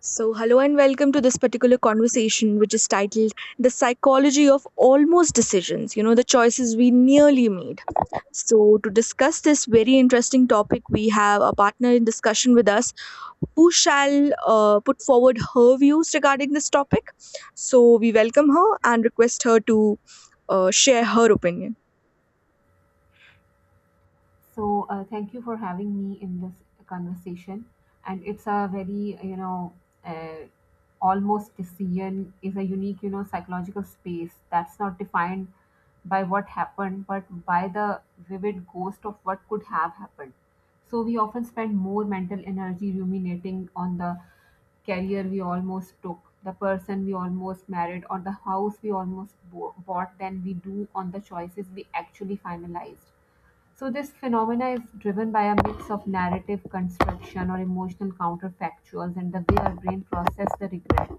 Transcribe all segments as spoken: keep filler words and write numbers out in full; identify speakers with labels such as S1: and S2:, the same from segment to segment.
S1: So, hello and welcome to this particular conversation, which is titled The Psychology of Almost Decisions, you know, the choices we nearly made. So, to discuss this very interesting topic, we have a partner in discussion with us who shall uh, put forward her views regarding this topic. So, we welcome her and request her to uh, share her opinion.
S2: So uh, thank you for having me in this conversation. And it's a very you know, uh, almost decision is a unique, you know, psychological space that's not defined by what happened, but by the vivid ghost of what could have happened. So we often spend more mental energy ruminating on the career we almost took, the person we almost married, or the house we almost bo- bought than we do on the choices we actually finalized. So this phenomena is driven by a mix of narrative construction or emotional counterfactuals and the way our brain process the regret.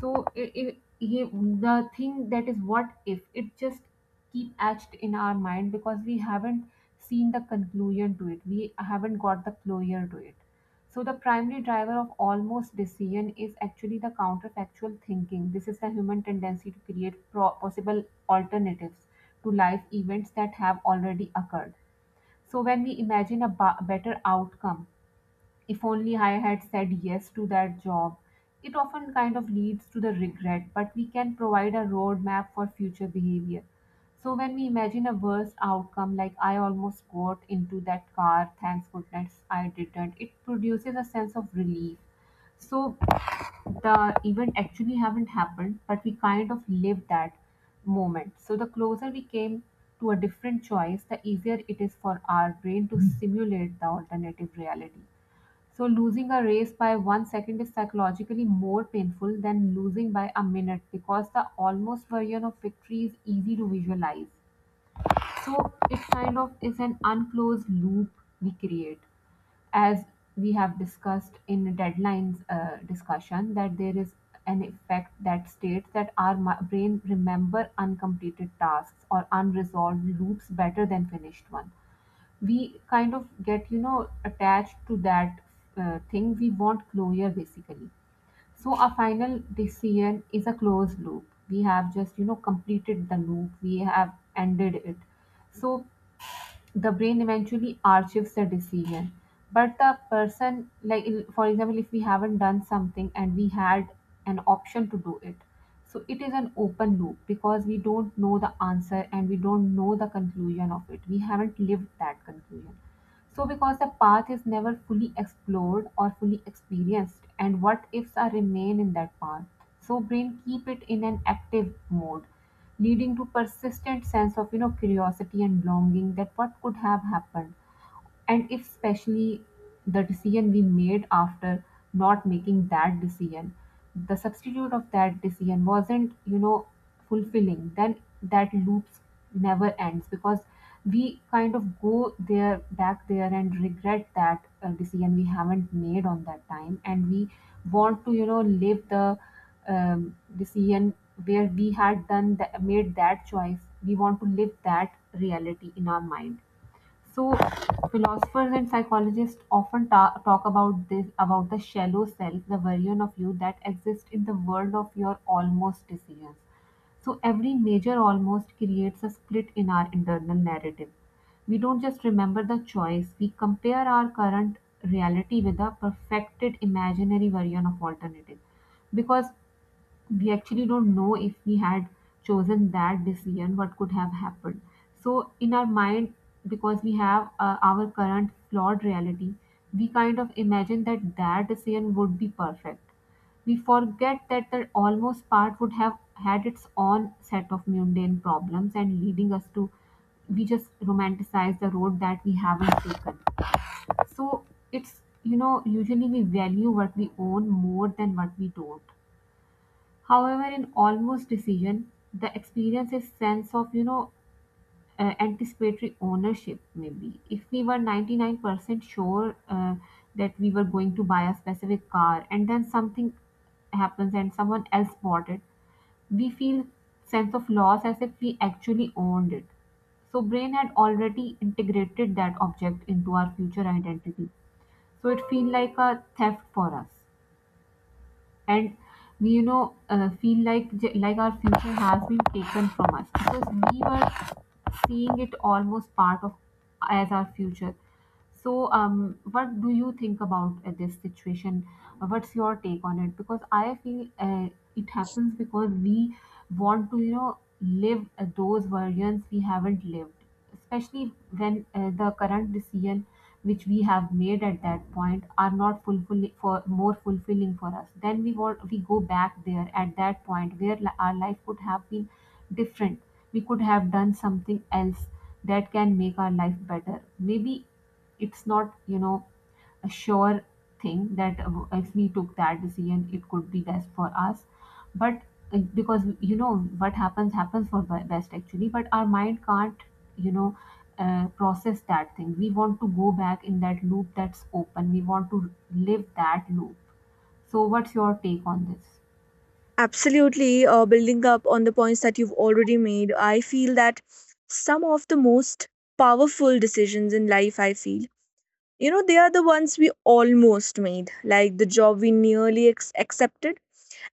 S2: So i i he- the thing that is, what if it just keep etched in our mind, because we haven't seen the conclusion to it. We haven't got the closure to it. So the primary driver of almost decision is actually the counterfactual thinking. This is the human tendency to create pro- possible alternatives to life events that have already occurred. So when we imagine a ba- better outcome, if only I had said yes to that job, it often kind of leads to the regret, but we can provide a roadmap for future behavior. So when we imagine a worse outcome, like I almost got into that car, thanks goodness I didn't, it produces a sense of relief. So the event actually haven't happened, but we kind of lived that moment. So the closer we came to a different choice, the easier it is for our brain to simulate the alternative reality. So losing a race by one second is psychologically more painful than losing by a minute, because the almost version of victory is easy to visualize. So it kind of is an unclosed loop we create, as we have discussed in deadlines uh, discussion, that there is an effect that states that our mi- brain remember uncompleted tasks or unresolved loops better than finished one. We kind of get you know attached to that uh, thing. We want closure, basically. So our final decision is a closed loop. We have just you know completed the loop. We have ended it. So the brain eventually archives the decision. But the person, like, in- for example, if we haven't done something and we had an option to do it, so it is an open loop, because we don't know the answer and we don't know the conclusion of it. We haven't lived that conclusion. So because the path is never fully explored or fully experienced, and what ifs are remain in that path, so brain keep it in an active mode, leading to persistent sense of you know curiosity and longing that what could have happened. And if, especially, the decision we made after not making that decision, the substitute of that decision wasn't you know fulfilling, then that loops never ends, because we kind of go there, back there, and regret that uh, decision we haven't made on that time. And we want to you know live the um, decision where we had done the, made that choice. We want to live that reality in our mind. So philosophers and psychologists often ta- talk about this, about the shallow self, the version of you that exists in the world of your almost decisions. So every major almost creates a split in our internal narrative. We don't just remember the choice, we compare our current reality with a perfected imaginary version of alternative. Because we actually don't know, if we had chosen that decision, what could have happened. So in our mind, because we have uh, our current flawed reality, we kind of imagine that that decision would be perfect. We forget that the almost part would have had its own set of mundane problems, and leading us to, we just romanticize the road that we haven't taken. So it's you know usually we value what we own more than what we don't. However, in almost decision, the experience is sense of you know uh, anticipatory ownership. Maybe if we were ninety nine percent sure uh, that we were going to buy a specific car, and then something happens and someone else bought it, we feel sense of loss as if we actually owned it. So brain had already integrated that object into our future identity. So it feel like a theft for us, and we you know uh, feel like j- like our future has been taken from us, because we were seeing it almost part of as our future. So um what do you think about uh, this situation? Uh, what's your take on it? Because I feel uh, it happens because we want to you know live uh, those versions we haven't lived, especially when uh, the current decision which we have made at that point are not fulfilling for more fulfilling for us, then we want, we go back there at that point where li- our life could have been different. We could have done something else that can make our life better. Maybe it's not you know a sure thing that uh, if we took that decision it could be best for us. But uh, because you know what happens happens for be- best, actually, but our mind can't you know uh, process that thing. We want to go back in that loop that's open. We want to live that loop. So what's your take on this?
S1: Absolutely, uh, building up on the points that you've already made, I feel that some of the most powerful decisions in life, I feel, you know, they are the ones we almost made, like the job we nearly ex- accepted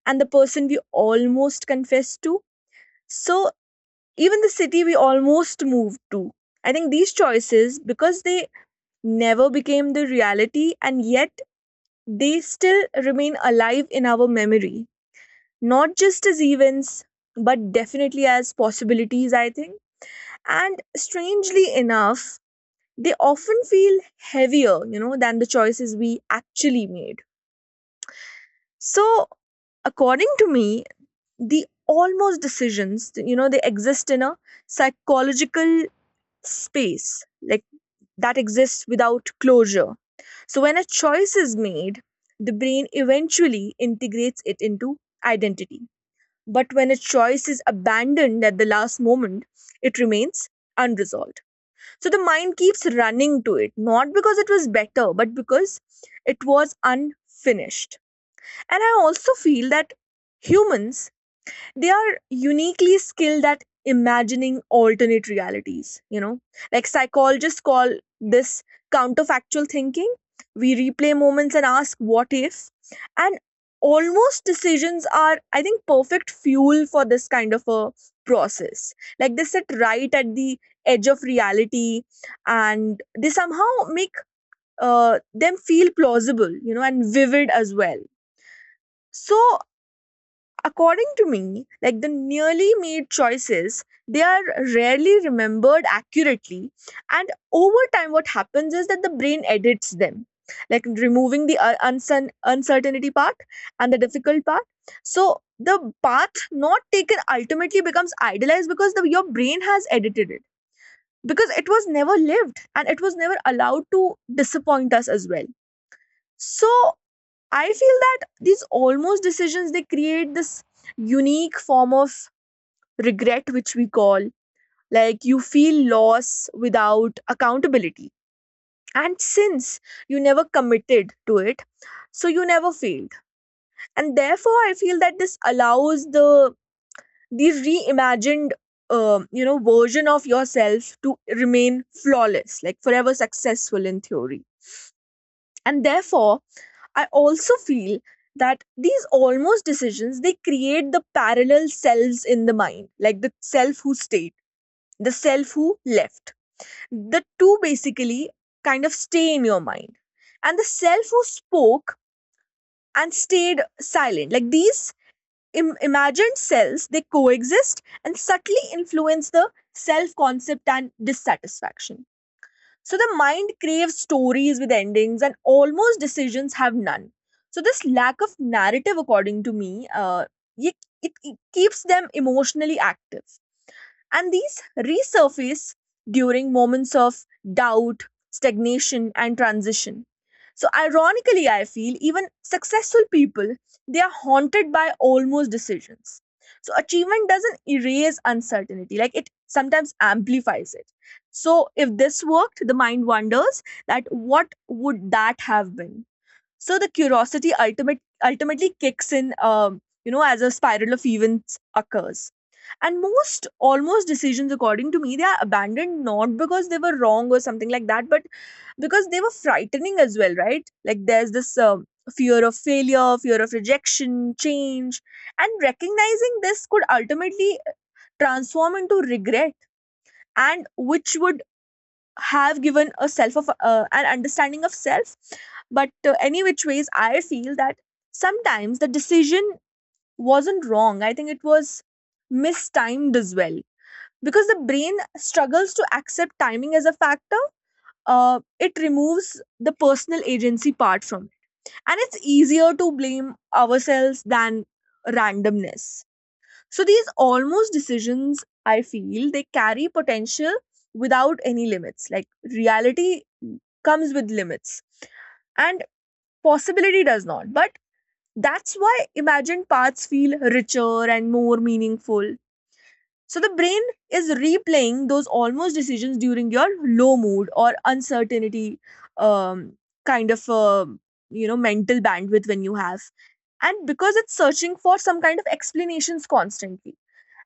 S1: and the person we almost confessed to. So, even the city we almost moved to. I think these choices, because they never became the reality and yet they still remain alive in our memory, not just as events but definitely as possibilities, I think. And strangely enough, they often feel heavier, you know, than the choices we actually made. So, according to me, the almost decisions, you know, they exist in a psychological space, like that exists without closure. So when a choice is made, the brain eventually integrates it into identity. But when a choice is abandoned at the last moment, it remains unresolved. So the mind keeps running to it, not because it was better, but because it was unfinished. And I also feel that humans, they are uniquely skilled at imagining alternate realities, you know. Like psychologists call this counterfactual thinking. We replay moments and ask what if. And almost decisions are, I think, perfect fuel for this kind of a process. Like they sit right at the edge of reality, and they somehow make uh, them feel plausible, you know, and vivid as well. So, according to me, like the nearly made choices, they are rarely remembered accurately. And over time, what happens is that the brain edits them, like removing the uh, uncer- uncertainty part and the difficult part. So the path not taken ultimately becomes idealized because the, your brain has edited it, because it was never lived and it was never allowed to disappoint us as well. So I feel that these almost decisions, they create this unique form of regret which we call, like, you feel loss without accountability. And since you never committed to it, so you never failed. And therefore I feel that this allows the the reimagined um, you know version of yourself to remain flawless, like forever successful in theory. And therefore I also feel that these almost decisions, they create the parallel selves in the mind, like the self who stayed, the self who left. The two basically kind of stay in your mind, and the self who spoke and stayed silent. Like these Im- imagined selves, they coexist and subtly influence the self concept and dissatisfaction. So the mind craves stories with endings, and almost decisions have none. So this lack of narrative, according to me, uh, ye- it, it keeps them emotionally active. And these resurface during moments of doubt, stagnation, and transition. So, ironically, I feel even successful people, they are haunted by almost decisions. So, achievement doesn't erase uncertainty, like it sometimes amplifies it. So, if this worked, the mind wonders that what would that have been? So the curiosity ultimate ultimately kicks in, um, you know, as a spiral of events occurs. And most, almost decisions, according to me, they are abandoned not because they were wrong or something like that, but because they were frightening as well, right? Like there's this um, fear of failure, fear of rejection, change, and recognizing this could ultimately transform into regret, and which would have given a self of uh, an understanding of self. But uh, any which ways, I feel that sometimes the decision wasn't wrong, I think it was mistimed as well, because the brain struggles to accept timing as a factor. Uh, it removes the personal agency part from it, and it's easier to blame ourselves than randomness. So these almost decisions, I feel, they carry potential without any limits. Like reality comes with limits, and possibility does not. But that's why imagined paths feel richer and more meaningful. So the brain is replaying those almost decisions during your low mood or uncertainty, um, kind of uh, you know mental bandwidth when you have, and because it's searching for some kind of explanations constantly,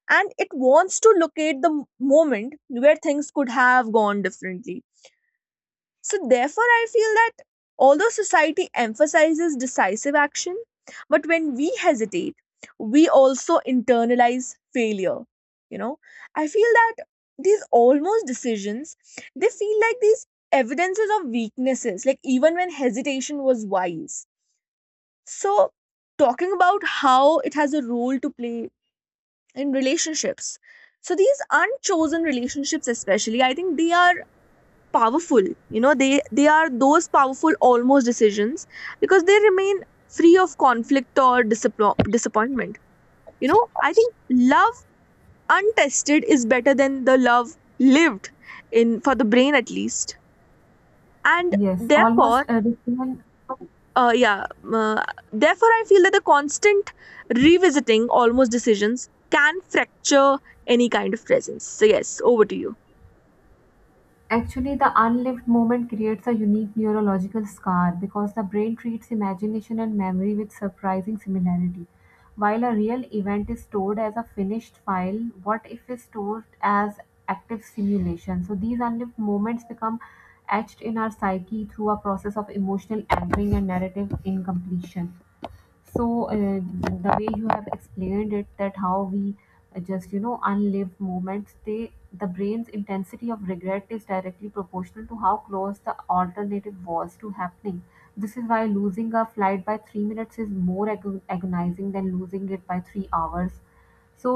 S1: and it wants to locate the m- moment where things could have gone differently. So, therefore, I feel that although society emphasizes decisive action, but when we hesitate, we also internalize failure. You know, I feel that these almost decisions, they feel like these evidences of weaknesses, like even when hesitation was wise. So, talking about how it has a role to play in relationships. So these unchosen relationships, especially, I think they are powerful. You know, they they are those powerful almost decisions because they remain free of conflict or disapp- disappointment. You know, I think love untested is better than the love lived in, for the brain at least, and
S2: Yes,
S1: therefore
S2: almost a decision.
S1: uh, yeah. um, Uh, therefore, I feel that the constant revisiting almost decisions can fracture any kind of presence. So, yes, over to you.
S2: Actually, the unlived moment creates a unique neurological scar because the brain treats imagination and memory with surprising similarity. While a real event is stored as a finished file, what if is stored as active simulation? So these unlived moments become etched in our psyche through a process of emotional anchoring and narrative incompletion. So uh, the way you have explained it, that how we uh, just you know unlived moments, they the brain's intensity of regret is directly proportional to how close the alternative was to happening. This is why losing a flight by 3 minutes is more agon- agonizing than losing it by 3 hours. So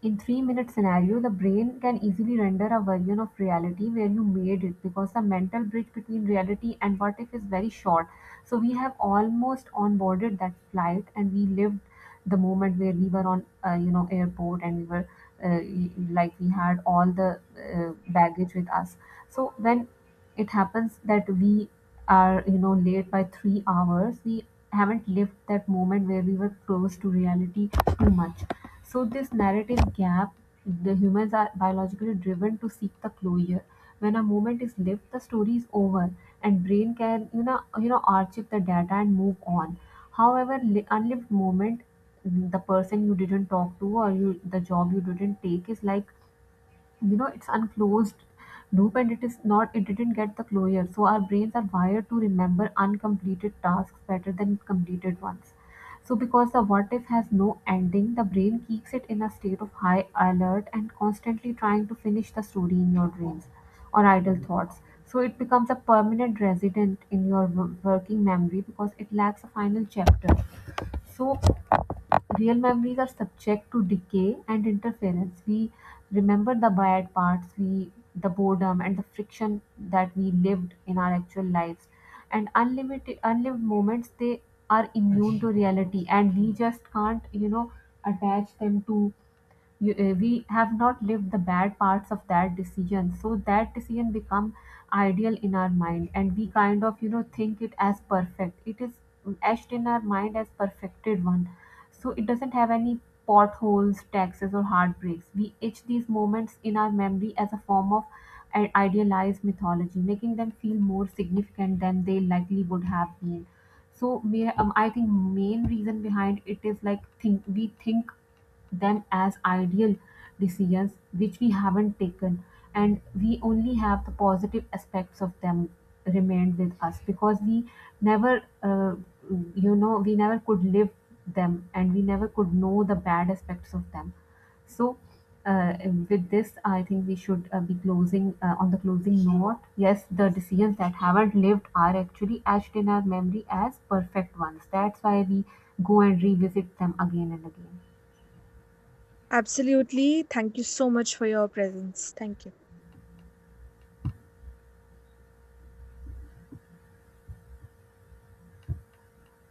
S2: in three-minute scenario, the brain can easily render a version of reality where you made it, because the mental bridge between reality and what if is very short. So we have almost onboarded that flight and we lived the moment where we were on, uh, you know, airport, and we were uh, y- like we had all the uh, baggage with us. So when it happens that we are you know late by 3 hours, we haven't lived that moment where we were close to reality too much. So this narrative gap, the humans are biologically driven to seek the closure. When a moment is lived, the story is over, and brain can you know you know archive the data and move on. However, li- unlived moment, the person you didn't talk to, or you, the job you didn't take is like you know it's unclosed loop, and it is not, it didn't get the closure. So our brains are wired to remember uncompleted tasks better than completed ones. So because the what if has no ending, the brain keeps it in a state of high alert and constantly trying to finish the story in your dreams or idle thoughts. So it becomes a permanent resident in your w- working memory, because it lacks a final chapter. So real memories are subject to decay and interference. We remember the bad parts, we the boredom and the friction that we lived in our actual lives. And unlimited unlived moments, they are immune to reality, and we just can't, you know, attach them to you, uh, we have not lived the bad parts of that decision, so that decision become ideal in our mind, and we kind of you know think it as perfect. It is etched in our mind as perfected one. So it doesn't have any potholes, taxes or heartbreaks. We etch these moments in our memory as a form of an idealized mythology, making them feel more significant than they likely would have been. So may, um, I think main reason behind it is like think we think them as ideal decisions which we haven't taken, and we only have the positive aspects of them remained with us, because we never uh, you know we never could live them, and we never could know the bad aspects of them. So uh, with this I think we should uh, be closing uh, on the closing note. Yes, the decisions that haven't lived are actually etched in our memory as perfect ones, that's why we go and revisit them again and again.
S1: Absolutely. Thank you so much for your presence. Thank you.